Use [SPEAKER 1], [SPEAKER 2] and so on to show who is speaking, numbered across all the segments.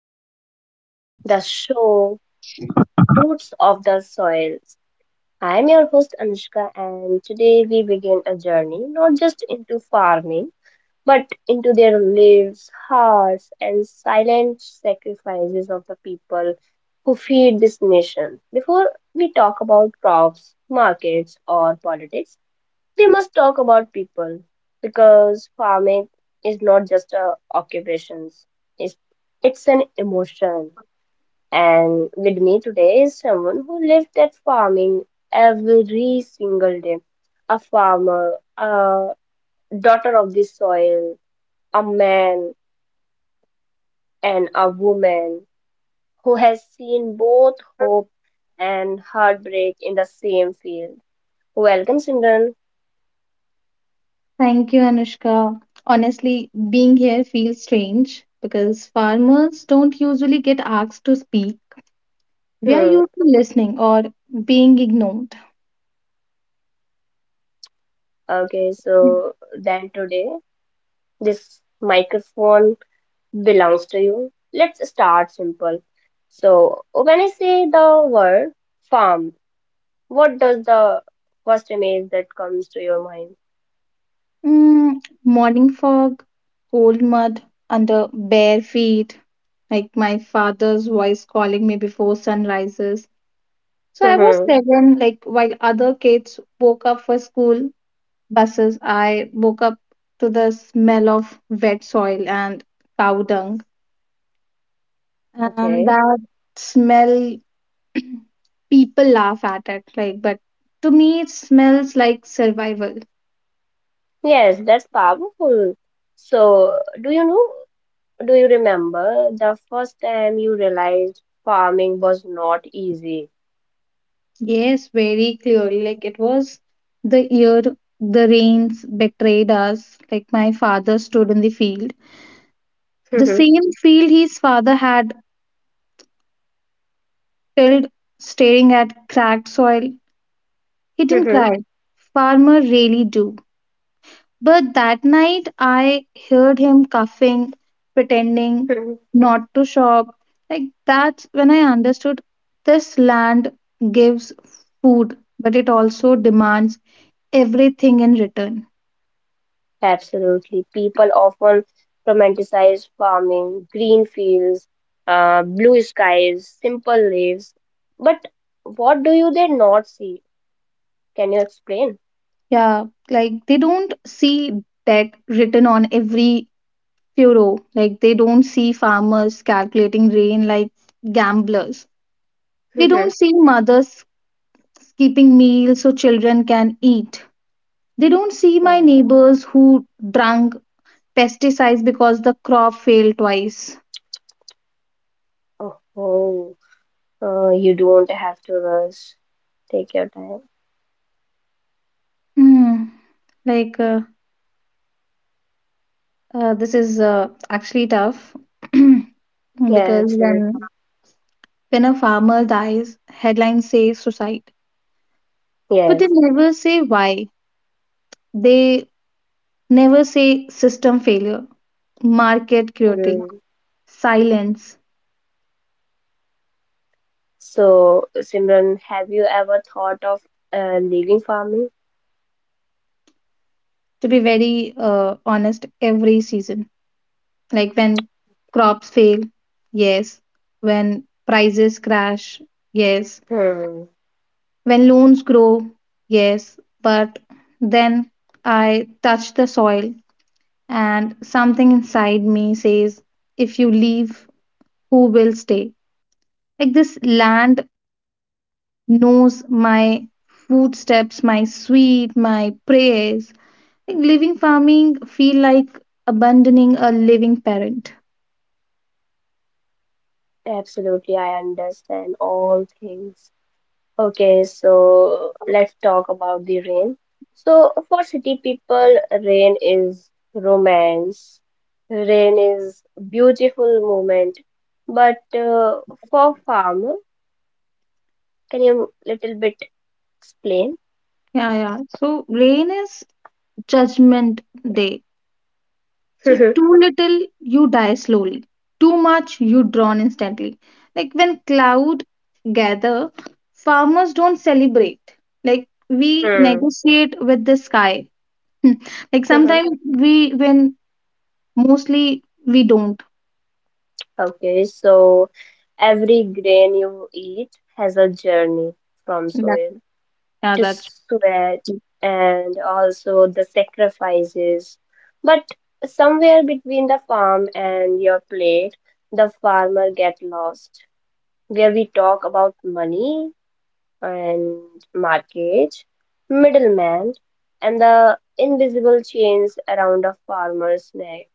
[SPEAKER 1] podcast, the show Roots of the Soils. I am your host, Anushka, and today we begin a journey not just into farming, but into their lives, hearts, and silent sacrifices of the people who feed this nation. Before we talk about crops, markets, or politics, we must talk about people because farming is not just a occupation. It's, it's an emotion. And with me today is someone who lived that farming every single day. A farmer, a daughter of the soil, a man and a woman who has seen both hope and heartbreak in the same field. Welcome, Simran.
[SPEAKER 2] Thank you, Anushka. Honestly, being here feels strange because farmers don't usually get asked to speak. We are
[SPEAKER 1] Hmm.
[SPEAKER 2] used to listening or being ignored.
[SPEAKER 1] Okay, so then today. This microphone belongs to you. Let's start simple. So, when I say the word farm, what does the first image that comes to your mind?
[SPEAKER 2] Mm, morning fog, cold mud under bare feet, like my father's voice calling me before sun rises. So I was
[SPEAKER 1] Mhm.
[SPEAKER 2] seven, like while other kids woke up for school buses, I woke up to the smell of wet soil and cow dung.
[SPEAKER 1] Okay.
[SPEAKER 2] That smell, people laugh at it, like, but to me it smells like survival.
[SPEAKER 1] Yes, that's powerful. So, do you remember the first time you realized farming was not easy?
[SPEAKER 2] Yes, very clearly, like it was the year the rains betrayed us. Like my father stood in the field, the same field his father had tilled, staring at cracked soil. He didn't cry. Farmer really do. But that night I heard him coughing, pretending not to shop. Like that's when I understood this land gives food, but it also demands everything in return.
[SPEAKER 1] Absolutely. People often romanticize farming, green fields, blue skies, simple lives. But what do you they not see? Can you explain?
[SPEAKER 2] Yeah, like they don't see debt written on every furrow. Like they don't see farmers calculating rain like gamblers. They don't see mothers keeping meals so children can eat. They don't see my
[SPEAKER 1] Oh,
[SPEAKER 2] neighbors who drunk pesticides because the crop failed twice.
[SPEAKER 1] oh, oh. You don't have to rush. Take your time.
[SPEAKER 2] Hmm. Like, this is actually tough
[SPEAKER 1] Yeah,
[SPEAKER 2] because
[SPEAKER 1] absolutely.
[SPEAKER 2] when a farmer dies, headlines say suicide. But
[SPEAKER 1] Yes.
[SPEAKER 2] they never say why. They never say system failure, market cruelty,
[SPEAKER 1] Mm.
[SPEAKER 2] silence.
[SPEAKER 1] So, Simran, have you ever thought of leaving farming?
[SPEAKER 2] To be very honest, every season. Like when crops fail, yes. When prices crash, yes.
[SPEAKER 1] Hmm.
[SPEAKER 2] When loans grow, yes. But then I touch the soil and something inside me says, if you leave, who will stay? Like this land knows my footsteps, my sweet, my prayers. Like living farming feel like abandoning a living parent.
[SPEAKER 1] Absolutely, I understand all things. Okay, so let's talk about the rain. So for city people, rain is romance. Rain is beautiful moment. But for farmer, can you little bit explain?
[SPEAKER 2] Yeah, so rain is Judgment Day. So, too little, you die slowly. Too much, you drown instantly. Like when cloud gather, farmers don't celebrate. Like we
[SPEAKER 1] Hmm.
[SPEAKER 2] negotiate with the sky. Hmm. Like sometimes we win, mostly we don't.
[SPEAKER 1] Okay, so every grain you eat has a journey from
[SPEAKER 2] That,
[SPEAKER 1] soil
[SPEAKER 2] yeah,
[SPEAKER 1] to
[SPEAKER 2] that's
[SPEAKER 1] sweat and also the sacrifices. But somewhere between the farm and your plate, the farmer get lost. Where we talk about money and market, middleman, and the invisible chains around a farmer's neck.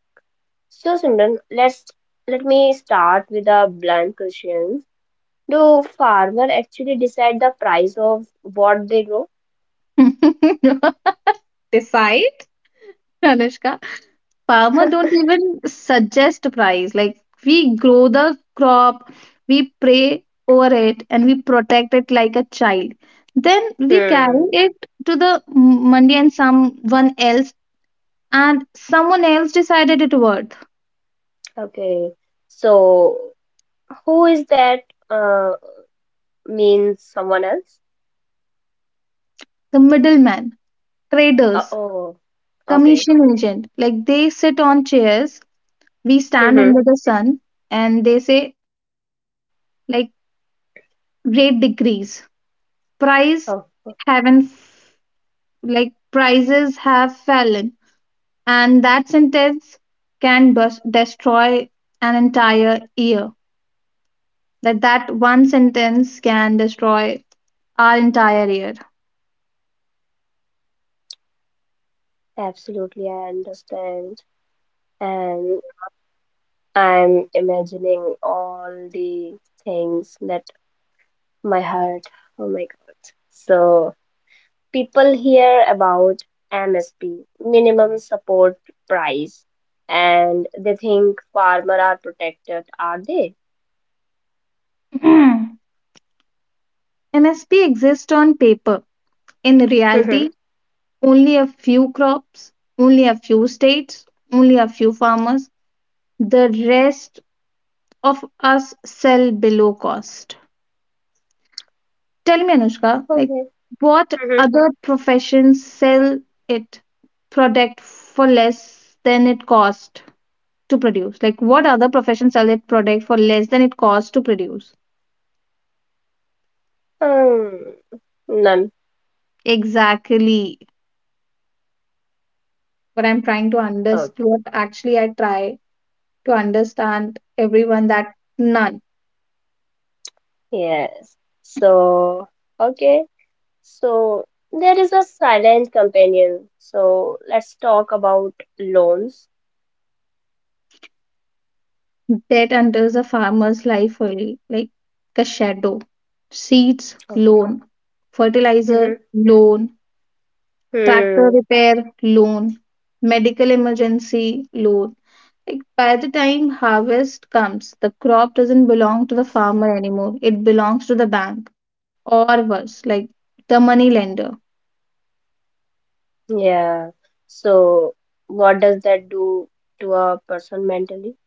[SPEAKER 1] So Simran, let me start with a blunt question. Do farmer actually decide the price of what they grow?
[SPEAKER 2] decide, Anushka. Farmer don't even suggest price. Like we grow the crop, we pray over it, and we protect it like a child. Then we
[SPEAKER 1] Hmm.
[SPEAKER 2] carry it to the mandi, and someone else, and someone else decided it worth.
[SPEAKER 1] Okay. So who is that? Uh, Means someone else?
[SPEAKER 2] The middleman, traders,
[SPEAKER 1] Oh, okay.
[SPEAKER 2] commission agent, like they sit on chairs, we stand
[SPEAKER 1] Mm-hmm.
[SPEAKER 2] under the sun, and they say, like, rate decrease price.
[SPEAKER 1] Oh, oh,
[SPEAKER 2] Haven't f- Like, prices have fallen. And that sentence can destroy an entire year. That one sentence can destroy our entire year.
[SPEAKER 1] absolutely. I understand. And I'm imagining all the things that my heart. Oh my God. So people hear about MSP, minimum support price, and they think farmer are protected, are they?
[SPEAKER 2] msp exists on paper. In reality,
[SPEAKER 1] Mm-hmm.
[SPEAKER 2] only a few crops, only a few states, only a few farmers. The rest of us sell below cost. Tell me, Anushka, like,
[SPEAKER 1] Okay.
[SPEAKER 2] what other professions sell it product for less than it cost to produce. Like, what other profession sell their product for less than it costs to produce?
[SPEAKER 1] Hmm, none.
[SPEAKER 2] Exactly. What I'm trying to
[SPEAKER 1] Oh,
[SPEAKER 2] understand, what actually I try to understand everyone, that none.
[SPEAKER 1] yes. So, okay. So, there is a silent companion. So, let's talk about loans.
[SPEAKER 2] Debt enters a farmer's life early, like the shadow. Seeds,
[SPEAKER 1] Oh.
[SPEAKER 2] loan. Fertilizer,
[SPEAKER 1] Mhm.
[SPEAKER 2] loan. Tractor
[SPEAKER 1] Hmm.
[SPEAKER 2] repair, loan. Medical emergency, loan. Like by the time harvest comes, the crop doesn't belong to the farmer anymore. It belongs to the bank. Or worse, like the money lender.
[SPEAKER 1] Yeah. So, what does that do to a person mentally?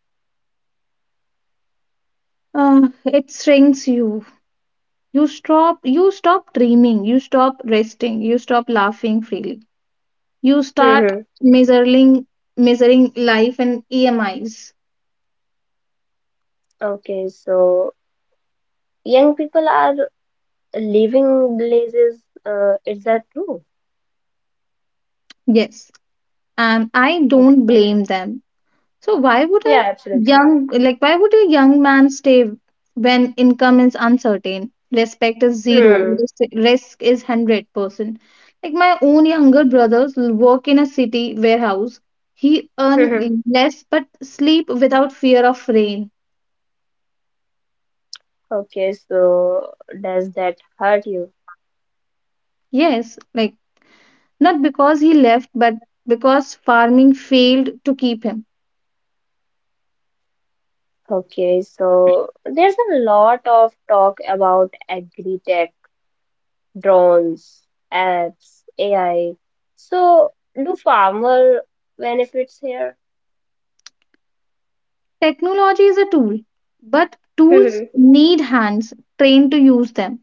[SPEAKER 2] It shrinks you. You stop. You stop dreaming. You stop resting. You stop laughing freely. You start
[SPEAKER 1] Hmm.
[SPEAKER 2] measuring measuring life in EMIs.
[SPEAKER 1] Okay. So, young people are leaving blazes. Is that true?
[SPEAKER 2] Yes, and I
[SPEAKER 1] Okay.
[SPEAKER 2] don't blame them. So why would a
[SPEAKER 1] Yeah, absolutely.
[SPEAKER 2] young like, why would a young man stay when income is uncertain? Respect is zero.
[SPEAKER 1] Hmm.
[SPEAKER 2] Risk is 100%. Like my own younger brothers work in a city warehouse. He earn less but sleep without fear of rain.
[SPEAKER 1] Okay, so does that hurt you?
[SPEAKER 2] Yes, like not because he left, but because farming failed to keep him.
[SPEAKER 1] Okay, so there's a lot of talk about agri-tech, drones, apps, AI. So do farmer benefits here?
[SPEAKER 2] Technology is a tool, but tools
[SPEAKER 1] Mhm.
[SPEAKER 2] need hands trained to use them.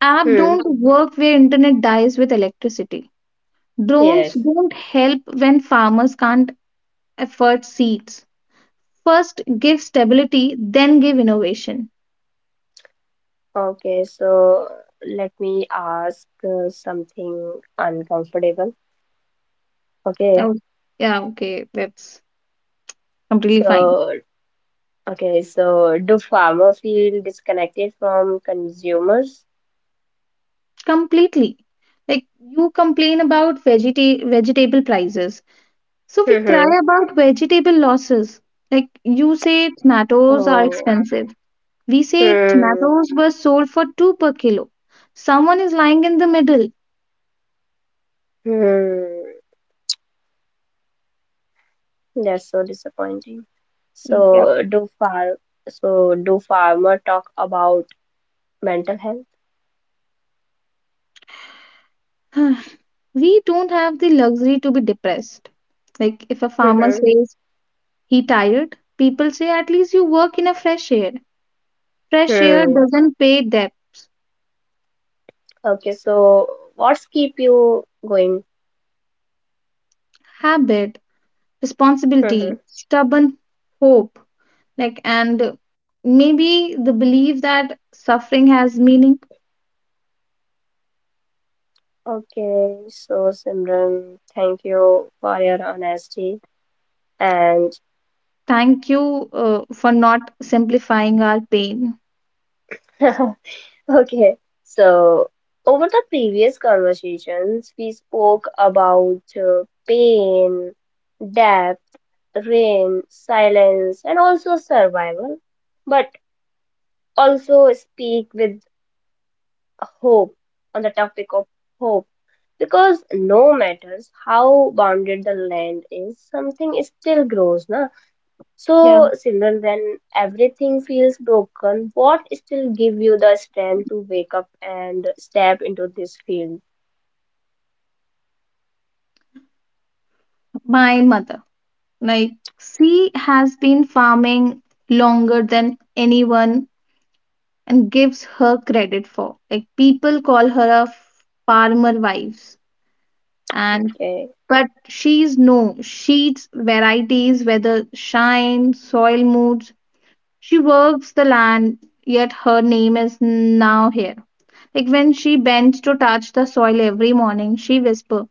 [SPEAKER 2] App
[SPEAKER 1] Hmm.
[SPEAKER 2] don't work where internet dies with electricity. Drones
[SPEAKER 1] Yes.
[SPEAKER 2] don't help when farmers can't afford seeds. First give stability, then give innovation.
[SPEAKER 1] Okay, so let me ask something uncomfortable. Okay,
[SPEAKER 2] Oh, yeah, okay, that's completely fine.
[SPEAKER 1] so do farmer feel disconnected from consumers?
[SPEAKER 2] Completely. Like you complain about vegetable prices. So we cry
[SPEAKER 1] Hmm.
[SPEAKER 2] about vegetable losses. Like you say tomatoes are
[SPEAKER 1] Oh.
[SPEAKER 2] expensive. We say
[SPEAKER 1] Hmm.
[SPEAKER 2] tomatoes were sold for 2 per kilo. Someone is lying in the middle.
[SPEAKER 1] Hmm. That's so disappointing. So do far so do farmer talk about mental health?
[SPEAKER 2] we don't have the luxury to be depressed. Like if a farmer
[SPEAKER 1] Mm-hmm.
[SPEAKER 2] says he tired, people say at least you work in a fresh air. Fresh air
[SPEAKER 1] Hmm.
[SPEAKER 2] doesn't pay debt.
[SPEAKER 1] Okay, so what's keep you going?
[SPEAKER 2] Habit,
[SPEAKER 1] Mm-hmm.
[SPEAKER 2] responsibility, stubborn hope. Like, and maybe the belief that suffering has meaning.
[SPEAKER 1] Okay, so Simran, thank you for your honesty and
[SPEAKER 2] Thank you for not simplifying our pain.
[SPEAKER 1] okay, so over the previous conversations we spoke about pain, death rain, silence, and also survival, but also speak with hope on the topic of hope because no matters how bounded the land is, something is still grows, na.
[SPEAKER 2] Yeah,
[SPEAKER 1] So, Simran, when everything feels broken, what still give you the strength to wake up and step into this field?
[SPEAKER 2] my mother. Like she has been farming longer than anyone and gives her credit for. Like people call her a farmer wives, and
[SPEAKER 1] Okay.
[SPEAKER 2] but she's no, she's varieties, weather, shine, soil moods. She works the land, yet her name is now here. Like when she bends to touch the soil every morning, she whispers,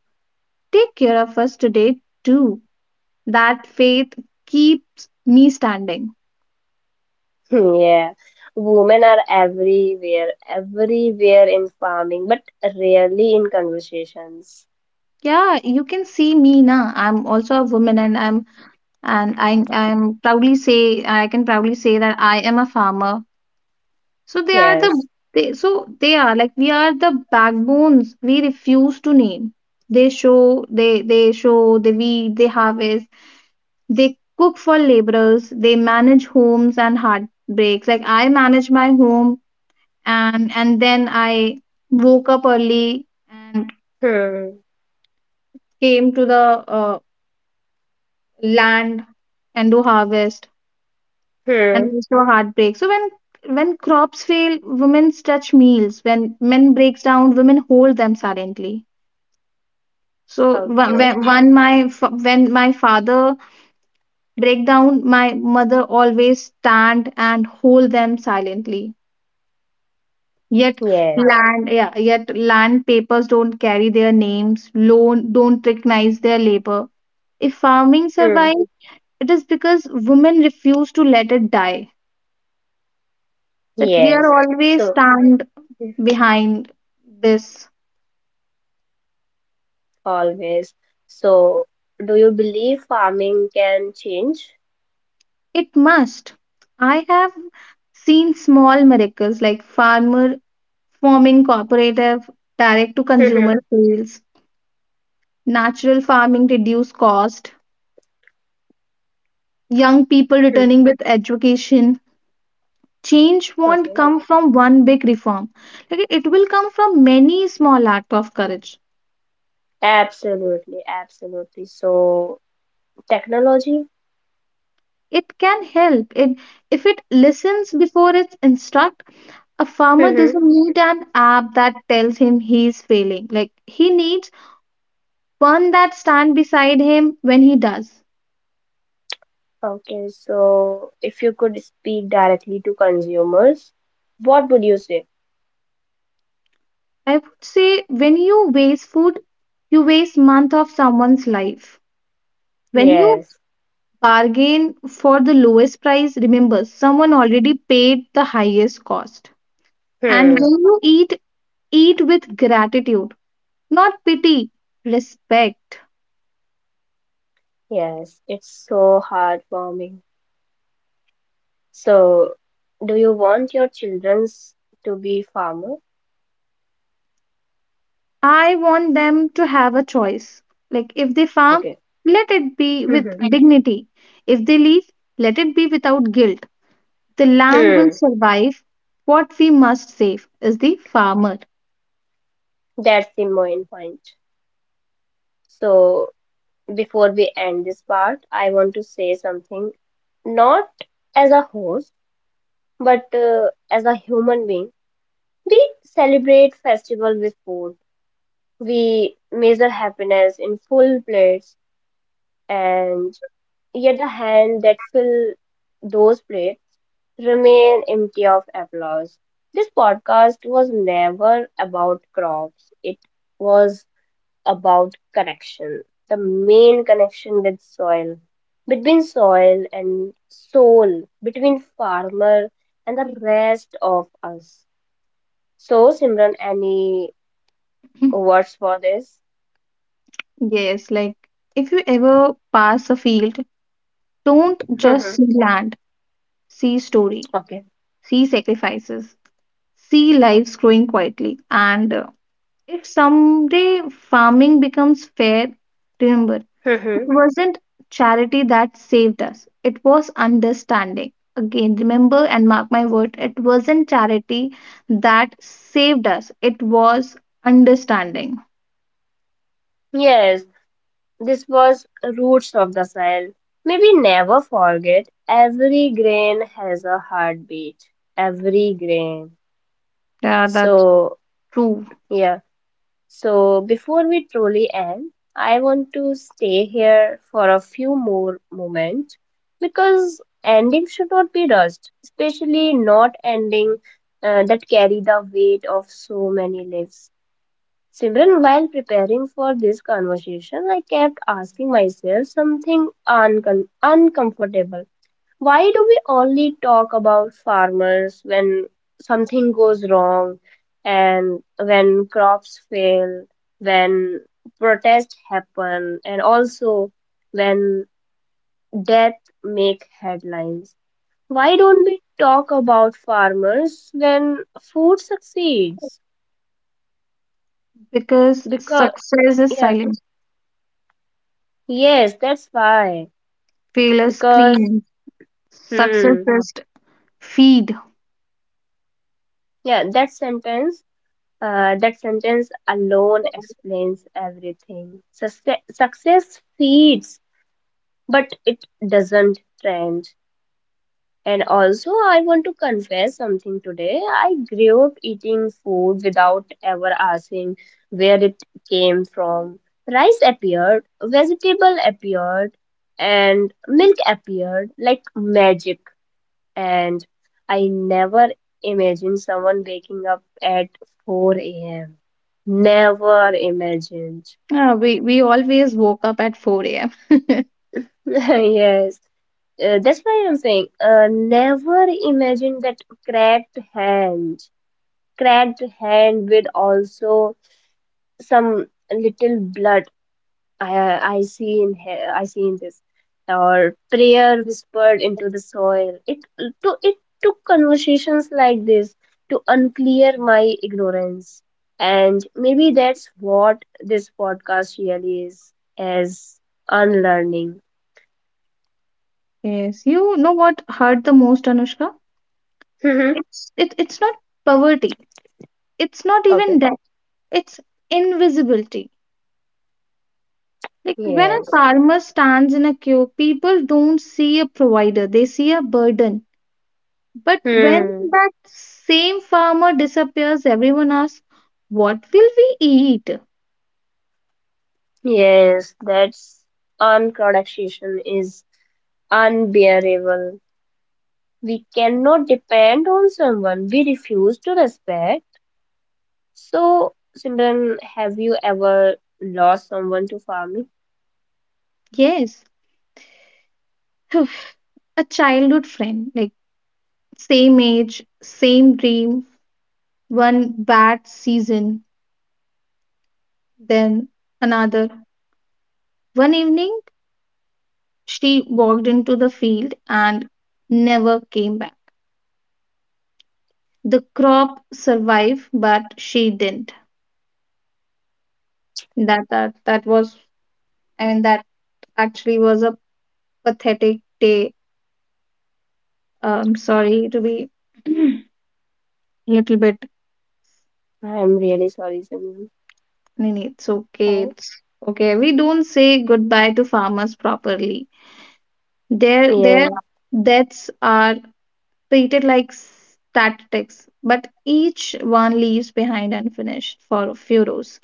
[SPEAKER 2] take care of us today too. That faith keeps me standing.
[SPEAKER 1] Yeah, women are everywhere, everywhere in farming, but rarely in conversations.
[SPEAKER 2] Yeah, you can see me now, I'm also a woman, and I am proudly say, I can proudly say, that I am a farmer. So they are the
[SPEAKER 1] Yes.
[SPEAKER 2] they, so they are like We are the backbones we refuse to name. They show, they show, they weed, they harvest, they cook for laborers, they manage homes and heartbreaks. Like I manage my home, and then I woke up early and
[SPEAKER 1] Hmm.
[SPEAKER 2] came to the land and do harvest, and
[SPEAKER 1] Hmm.
[SPEAKER 2] there's no heartbreak. When crops fail, women stretch meals. When men breaks down, women hold them silently. So
[SPEAKER 1] Okay.
[SPEAKER 2] when my father break down, my mother always stand and hold them silently. Yet
[SPEAKER 1] Yes.
[SPEAKER 2] Yet land papers don't carry their names. Loan don't recognize their labor. If farming
[SPEAKER 1] Hmm.
[SPEAKER 2] survives, it is because women refuse to let it die. That we are
[SPEAKER 1] Yes.
[SPEAKER 2] always
[SPEAKER 1] So,
[SPEAKER 2] stand
[SPEAKER 1] hmm,
[SPEAKER 2] behind this.
[SPEAKER 1] always. So, do you believe farming can change?
[SPEAKER 2] It must. I have seen small miracles, like farmer forming cooperative, direct to consumer
[SPEAKER 1] Hmm.
[SPEAKER 2] sales, natural farming reduce cost, young people
[SPEAKER 1] Hmm.
[SPEAKER 2] returning with education. Change won't
[SPEAKER 1] Okay.
[SPEAKER 2] come from one big reform. Like it will come from many small act of courage.
[SPEAKER 1] Absolutely. Absolutely. So, technology?
[SPEAKER 2] It can help, it, if it listens before it's instruct. A farmer doesn't need an app that tells him he's failing. Like he needs one that stand beside him when he does.
[SPEAKER 1] Okay, so if you could speak directly to consumers, what would you say?
[SPEAKER 2] I would say, when you waste food, you waste month of someone's life. When you
[SPEAKER 1] Yes.
[SPEAKER 2] bargain for the lowest price, remember, someone already paid the highest cost. And
[SPEAKER 1] Hmm.
[SPEAKER 2] when you eat, eat with gratitude, not pity, respect.
[SPEAKER 1] Yes, it's so heartwarming. So, do you want your children's to be farmer?
[SPEAKER 2] I want them to have a choice. Like if they farm,
[SPEAKER 1] Okay.
[SPEAKER 2] let it be with
[SPEAKER 1] Hmm.
[SPEAKER 2] dignity. If they leave, let it be without guilt. The land will
[SPEAKER 1] Hmm.
[SPEAKER 2] survive. What we must save is the farmer.
[SPEAKER 1] That's the main point. So, before we end this part, I want to say something, not as a host, but as a human being. We celebrate festival with food. We measure happiness in full plates, and yet the hand that fill those plates remain empty of applause. This podcast was never about crops. It was about connection. The main connection with soil, between soil and soul, between farmer and the rest of us. So, Simran, any words for this?
[SPEAKER 2] Yes, like if you ever pass a field, don't just see land, see story,
[SPEAKER 1] Okay.
[SPEAKER 2] see sacrifices, see lives growing quietly. And if someday farming becomes fair, remember, it wasn't charity that saved us, it was understanding. Again, remember and mark my word, it wasn't charity that saved us, it was understanding.
[SPEAKER 1] Yes, this was Roots of the Soil. May we never forget every grain has a heartbeat. Every grain.
[SPEAKER 2] Yeah, that's
[SPEAKER 1] So,
[SPEAKER 2] true.
[SPEAKER 1] yeah. So, before we truly end, I want to stay here for a few more moments because ending should not be rushed, especially not ending that carry the weight of so many lives. Simran, while preparing for this conversation, I kept asking myself something uncomfortable. Why do we only talk about farmers when something goes wrong and when crops fail, when protests happen, and also when death make headlines? Why don't we talk about farmers when food succeeds?
[SPEAKER 2] Because
[SPEAKER 1] Because,
[SPEAKER 2] success is
[SPEAKER 1] yeah,
[SPEAKER 2] silent,
[SPEAKER 1] yes, that's why.
[SPEAKER 2] failure
[SPEAKER 1] Because,
[SPEAKER 2] screams, success
[SPEAKER 1] hmm,
[SPEAKER 2] just feed.
[SPEAKER 1] yeah, that sentence alone explains everything. Success feeds, but it doesn't trend. And also, I want to confess something today. I grew up eating food without ever asking where it came from. Rice appeared, vegetable appeared, and milk appeared like magic. And I never imagined someone waking up at 4 a.m. Never imagined.
[SPEAKER 2] Yeah, we always woke up at 4 a.m.
[SPEAKER 1] Yes, that's why I'm saying, never imagined that cracked hand. Cracked hand with also some little blood I I see in he- I see in this or prayer whispered into the soil. It took conversations like this to unclear my ignorance, and maybe that's what this podcast really is as unlearning.
[SPEAKER 2] Yes, you know what hurt the most, Anushka?
[SPEAKER 1] Mhm.
[SPEAKER 2] It's not poverty. It's not even
[SPEAKER 1] Okay.
[SPEAKER 2] debt. It's invisibility. Like when a
[SPEAKER 1] Yes.
[SPEAKER 2] farmer stands in a queue, people don't see a provider, they see a burden. But when
[SPEAKER 1] Hmm.
[SPEAKER 2] that same farmer disappears, everyone asks, what will we eat?
[SPEAKER 1] Yes, that's unproduction is unbearable. We cannot depend on someone we refuse to respect. So, Simran, have you ever lost someone to farming?
[SPEAKER 2] Yes, a childhood friend, like same age, same dream, one bad season, then another. One evening, she walked into the field and never came back. The crop survived, but she didn't. that that that was that actually was a pathetic day. Sorry to be little bit.
[SPEAKER 1] I'm really sorry, Simran.
[SPEAKER 2] Nini, it's okay,
[SPEAKER 1] I,
[SPEAKER 2] it's okay. We don't say goodbye to farmers properly. Their
[SPEAKER 1] yeah,
[SPEAKER 2] deaths are treated like statistics, but each one leaves behind unfinished for furrows,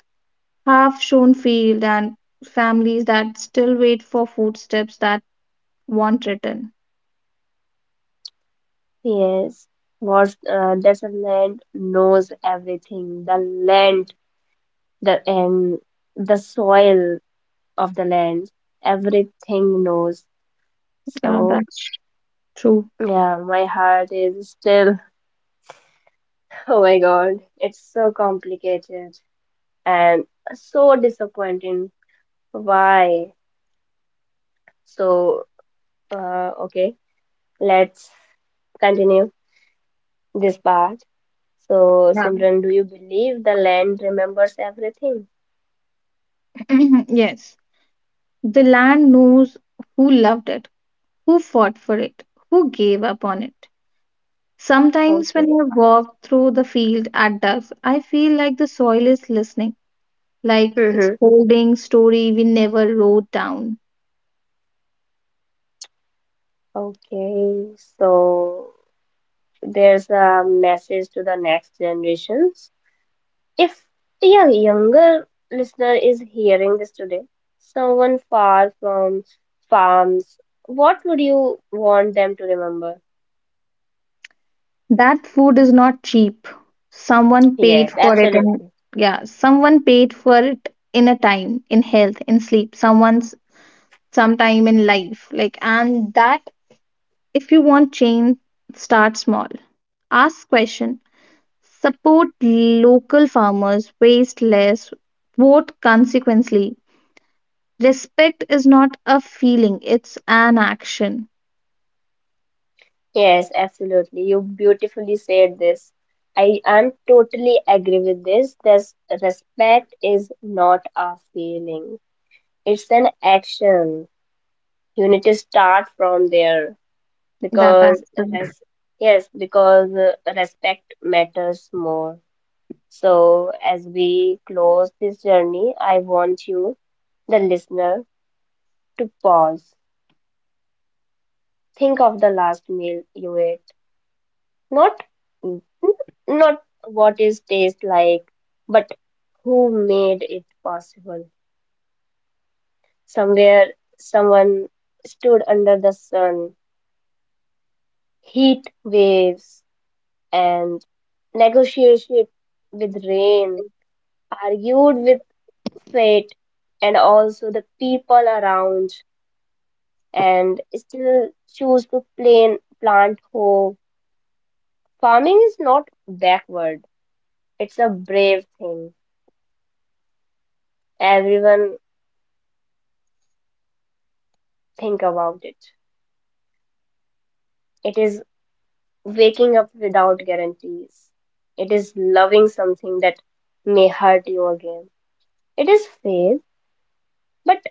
[SPEAKER 2] half shown field, and families that still wait for footsteps that won't return.
[SPEAKER 1] yes. What that the land knows everything. The land, the and the soil of the land, everything knows.
[SPEAKER 2] Yeah,
[SPEAKER 1] So,
[SPEAKER 2] that's true.
[SPEAKER 1] yeah, my heart is still. Oh my God, it's so complicated and so disappointing. Why? So, okay. Let's continue this part. So, Simran, do you believe the land remembers everything?
[SPEAKER 2] Mhm, Yes, the land knows who loved it, who fought for it, who gave up on it. Sometimes when
[SPEAKER 1] Okay.
[SPEAKER 2] I walk through the field at dusk, I feel like the soil is listening, like it's
[SPEAKER 1] Mm-hmm.
[SPEAKER 2] holding story we never wrote down.
[SPEAKER 1] Okay. So, there's a message to the next generations. If a younger listener is hearing this today, someone far from farms, what would you want them to remember?
[SPEAKER 2] That food is not cheap. Someone paid
[SPEAKER 1] Yes,
[SPEAKER 2] for it, and
[SPEAKER 1] absolutely.
[SPEAKER 2] yeah, someone paid for it in a time, in health, in sleep, someone's sometime in life. Like, and that, if you want change, start small. Ask question, support local farmers, waste less, vote consequently. Respect is not a feeling, it's an action.
[SPEAKER 1] Yes, absolutely. You beautifully said this. I am totally agree with this. This respect is not a feeling. It's an action. You need to start from there
[SPEAKER 2] That
[SPEAKER 1] because
[SPEAKER 2] action.
[SPEAKER 1] res yes, because respect matters more. So as we close this journey, I want you, the listener, to pause. Think of the last meal you ate. Not n- not what is taste like, but who made it possible. Somewhere someone stood under the sun, heat waves, and negotiated with rain, argued with fate and also the people around, and still choose to plain plant hope. Farming is not backward, it's a brave thing. Everyone think about it. It is waking up without guarantees. It is loving something that may hurt you again. It is faith, but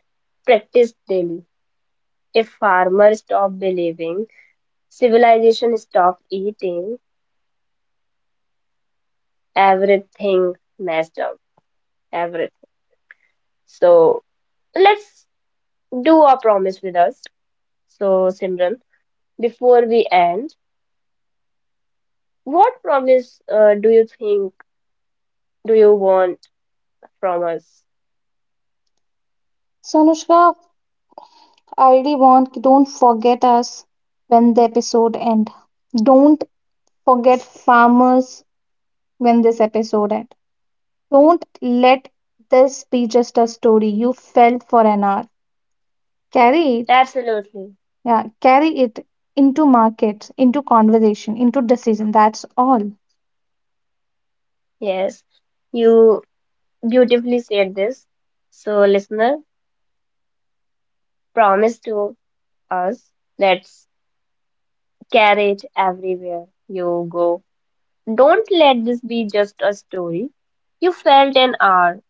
[SPEAKER 1] practiced daily. If farmers stopped believing, civilization stopped eating, everything messed up. Everything. So let's do our promise with us. So Simran, before we end, what promise do you think do you want from us?
[SPEAKER 2] So Anushka, I really want, don't forget us when the episode end. Don't forget farmers when this episode end. Don't let this be just a story you felt for an hour. Carry it.
[SPEAKER 1] Absolutely.
[SPEAKER 2] Yeah, carry it into markets, into conversation, into decision. That's all.
[SPEAKER 1] Yes, you beautifully said this. So, listener, promise to us let's carry it everywhere you go. Don't let this be just a story you felt an hour.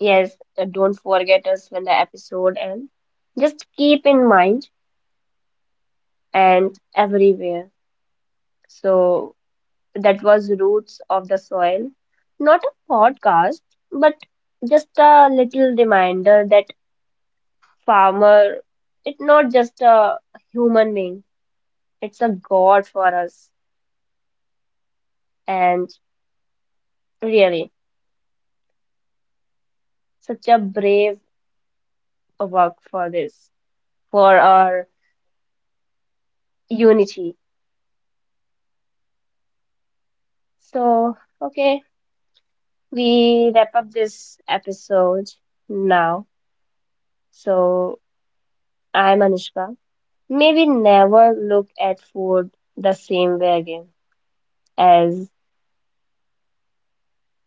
[SPEAKER 1] Yes, don't forget us when the episode ends. Just keep in mind and everywhere. So, that was Roots of the Soil. Not a podcast, but just a little reminder that farmer, it's not just a human being, it's a god for us. And really, such a brave work for this, for our unity. So, okay, we wrap up this episode now. So, I'm Anushka. Maybe never look at food the same way again, as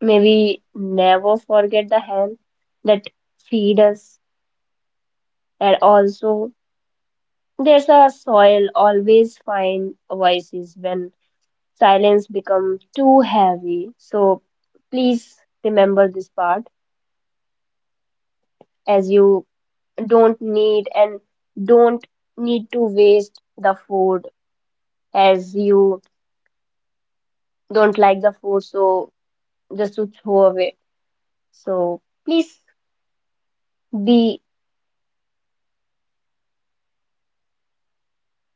[SPEAKER 1] maybe never forget the hand that feed us and also there's a soil always find voices when silence becomes too heavy. So please remember this part as you don't need and don't need to waste the food as you don't like the food so just to throw away. So please be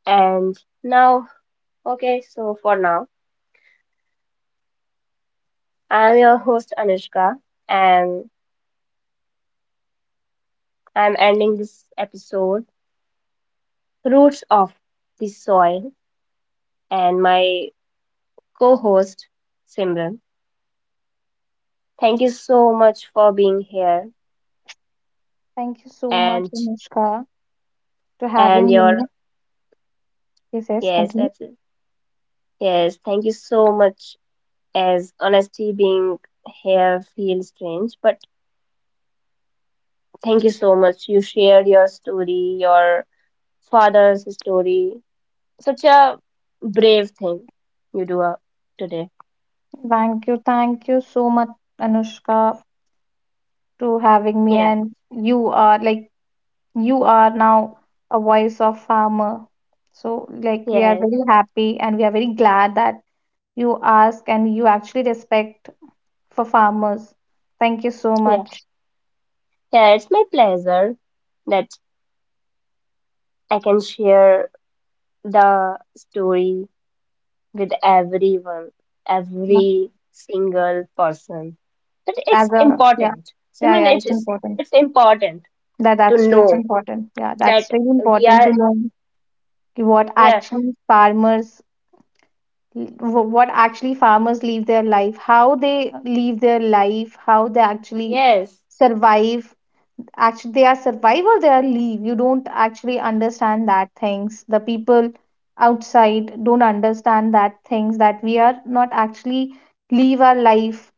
[SPEAKER 1] and now okay so for now I'm your host Anushka and I'm ending this episode Roots of the Soil, and my co host Simran. Thank you
[SPEAKER 2] Yes,
[SPEAKER 1] so much for being here
[SPEAKER 2] thank you so much,
[SPEAKER 1] and
[SPEAKER 2] Anushka, to having
[SPEAKER 1] and your
[SPEAKER 2] me. Yes, yes,
[SPEAKER 1] yes,
[SPEAKER 2] continue.
[SPEAKER 1] that's it. Yes, thank you so much as honesty being here feels strange, but thank you so much. You shared your story, your father's story. Such a brave thing you do today.
[SPEAKER 2] Thank you so much, Anushka, to having me.
[SPEAKER 1] Yeah,
[SPEAKER 2] And you are like, you are now a voice of farmer. So like we are
[SPEAKER 1] yeah,
[SPEAKER 2] very happy and we are very glad that you ask and you actually respect for farmers. Thank you so
[SPEAKER 1] yeah.
[SPEAKER 2] much.
[SPEAKER 1] Yeah, it's my pleasure that I can share the story with everyone,
[SPEAKER 2] Yeah,
[SPEAKER 1] every single person. But it's
[SPEAKER 2] as a, yeah,
[SPEAKER 1] important.
[SPEAKER 2] yeah,
[SPEAKER 1] Simran,
[SPEAKER 2] yeah,
[SPEAKER 1] it
[SPEAKER 2] it's
[SPEAKER 1] is
[SPEAKER 2] important.
[SPEAKER 1] it's important
[SPEAKER 2] That
[SPEAKER 1] to
[SPEAKER 2] that's true, it's
[SPEAKER 1] know
[SPEAKER 2] important. Yeah,
[SPEAKER 1] that
[SPEAKER 2] that's really
[SPEAKER 1] we
[SPEAKER 2] important
[SPEAKER 1] are
[SPEAKER 2] to know what
[SPEAKER 1] yeah,
[SPEAKER 2] actually farmers what actually farmers live their life, how they live their life, how they actually
[SPEAKER 1] yes,
[SPEAKER 2] survive. Actually, they are survive or they are leave. You don't actually understand that things. The people outside don't understand that things, that we are not actually leave our life.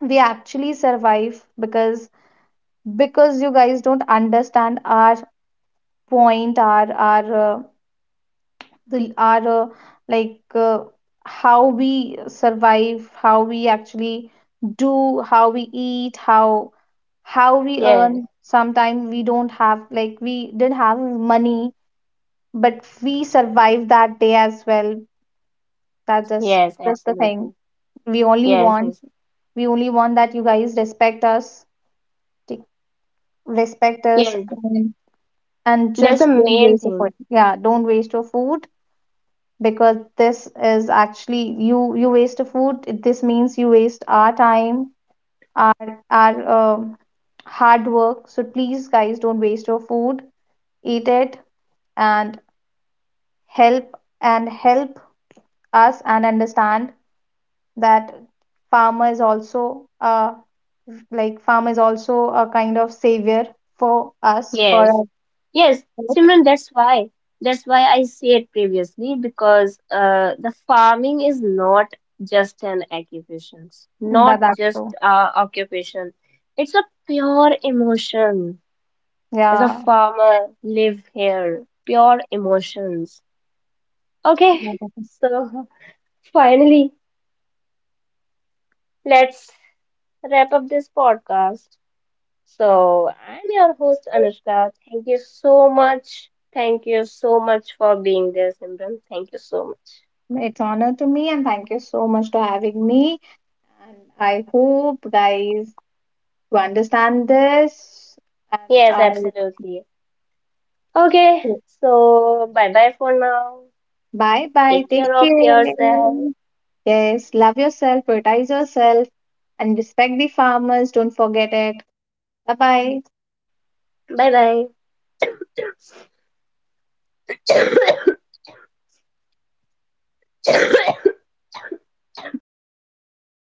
[SPEAKER 2] We actually survive because you guys don't understand our point, our like uh, how we survive, how we actually do, how we eat, how we
[SPEAKER 1] yes,
[SPEAKER 2] earn. Sometimes we don't have, like we didn't have money, but we survive that day as well.
[SPEAKER 1] yes,
[SPEAKER 2] That's the
[SPEAKER 1] absolutely.
[SPEAKER 2] thing. we only
[SPEAKER 1] Yes,
[SPEAKER 2] want
[SPEAKER 1] yes,
[SPEAKER 2] we only want that you guys respect us. take- Respect us,
[SPEAKER 1] yes.
[SPEAKER 2] and
[SPEAKER 1] That's the
[SPEAKER 2] just don't
[SPEAKER 1] main
[SPEAKER 2] waste your
[SPEAKER 1] thing.
[SPEAKER 2] food. Yeah, don't waste your food, because this is actually, you waste a food, this means you waste our time, our hard work. So please guys, don't waste your food, eat it, and help, and help us, and understand that farmer is also uh farm is also a kind of savior for us, for
[SPEAKER 1] Yes,
[SPEAKER 2] our
[SPEAKER 1] yes,
[SPEAKER 2] food.
[SPEAKER 1] Simran, that's why. That's why I said previously because the farming is not just an occupation, not
[SPEAKER 2] That that's
[SPEAKER 1] just
[SPEAKER 2] so,
[SPEAKER 1] occupation. It's a pure emotion. As a
[SPEAKER 2] yeah,
[SPEAKER 1] farmer, live here, pure emotions. Okay, so finally, let's wrap up this podcast. So I'm your host Anushka. Thank you so much. Thank you so much for being there, Simran. Thank you so much.
[SPEAKER 2] it's honor to me, and thank you so much for having me. And I hope guys to understand this. And
[SPEAKER 1] Yes,
[SPEAKER 2] I,
[SPEAKER 1] absolutely. Okay, so bye bye for now.
[SPEAKER 2] bye bye.
[SPEAKER 1] Take care
[SPEAKER 2] Take
[SPEAKER 1] of
[SPEAKER 2] care.
[SPEAKER 1] yourself.
[SPEAKER 2] Yes, love yourself, prioritize yourself, and respect the farmers. Don't forget it. Bye bye.
[SPEAKER 1] Bye bye.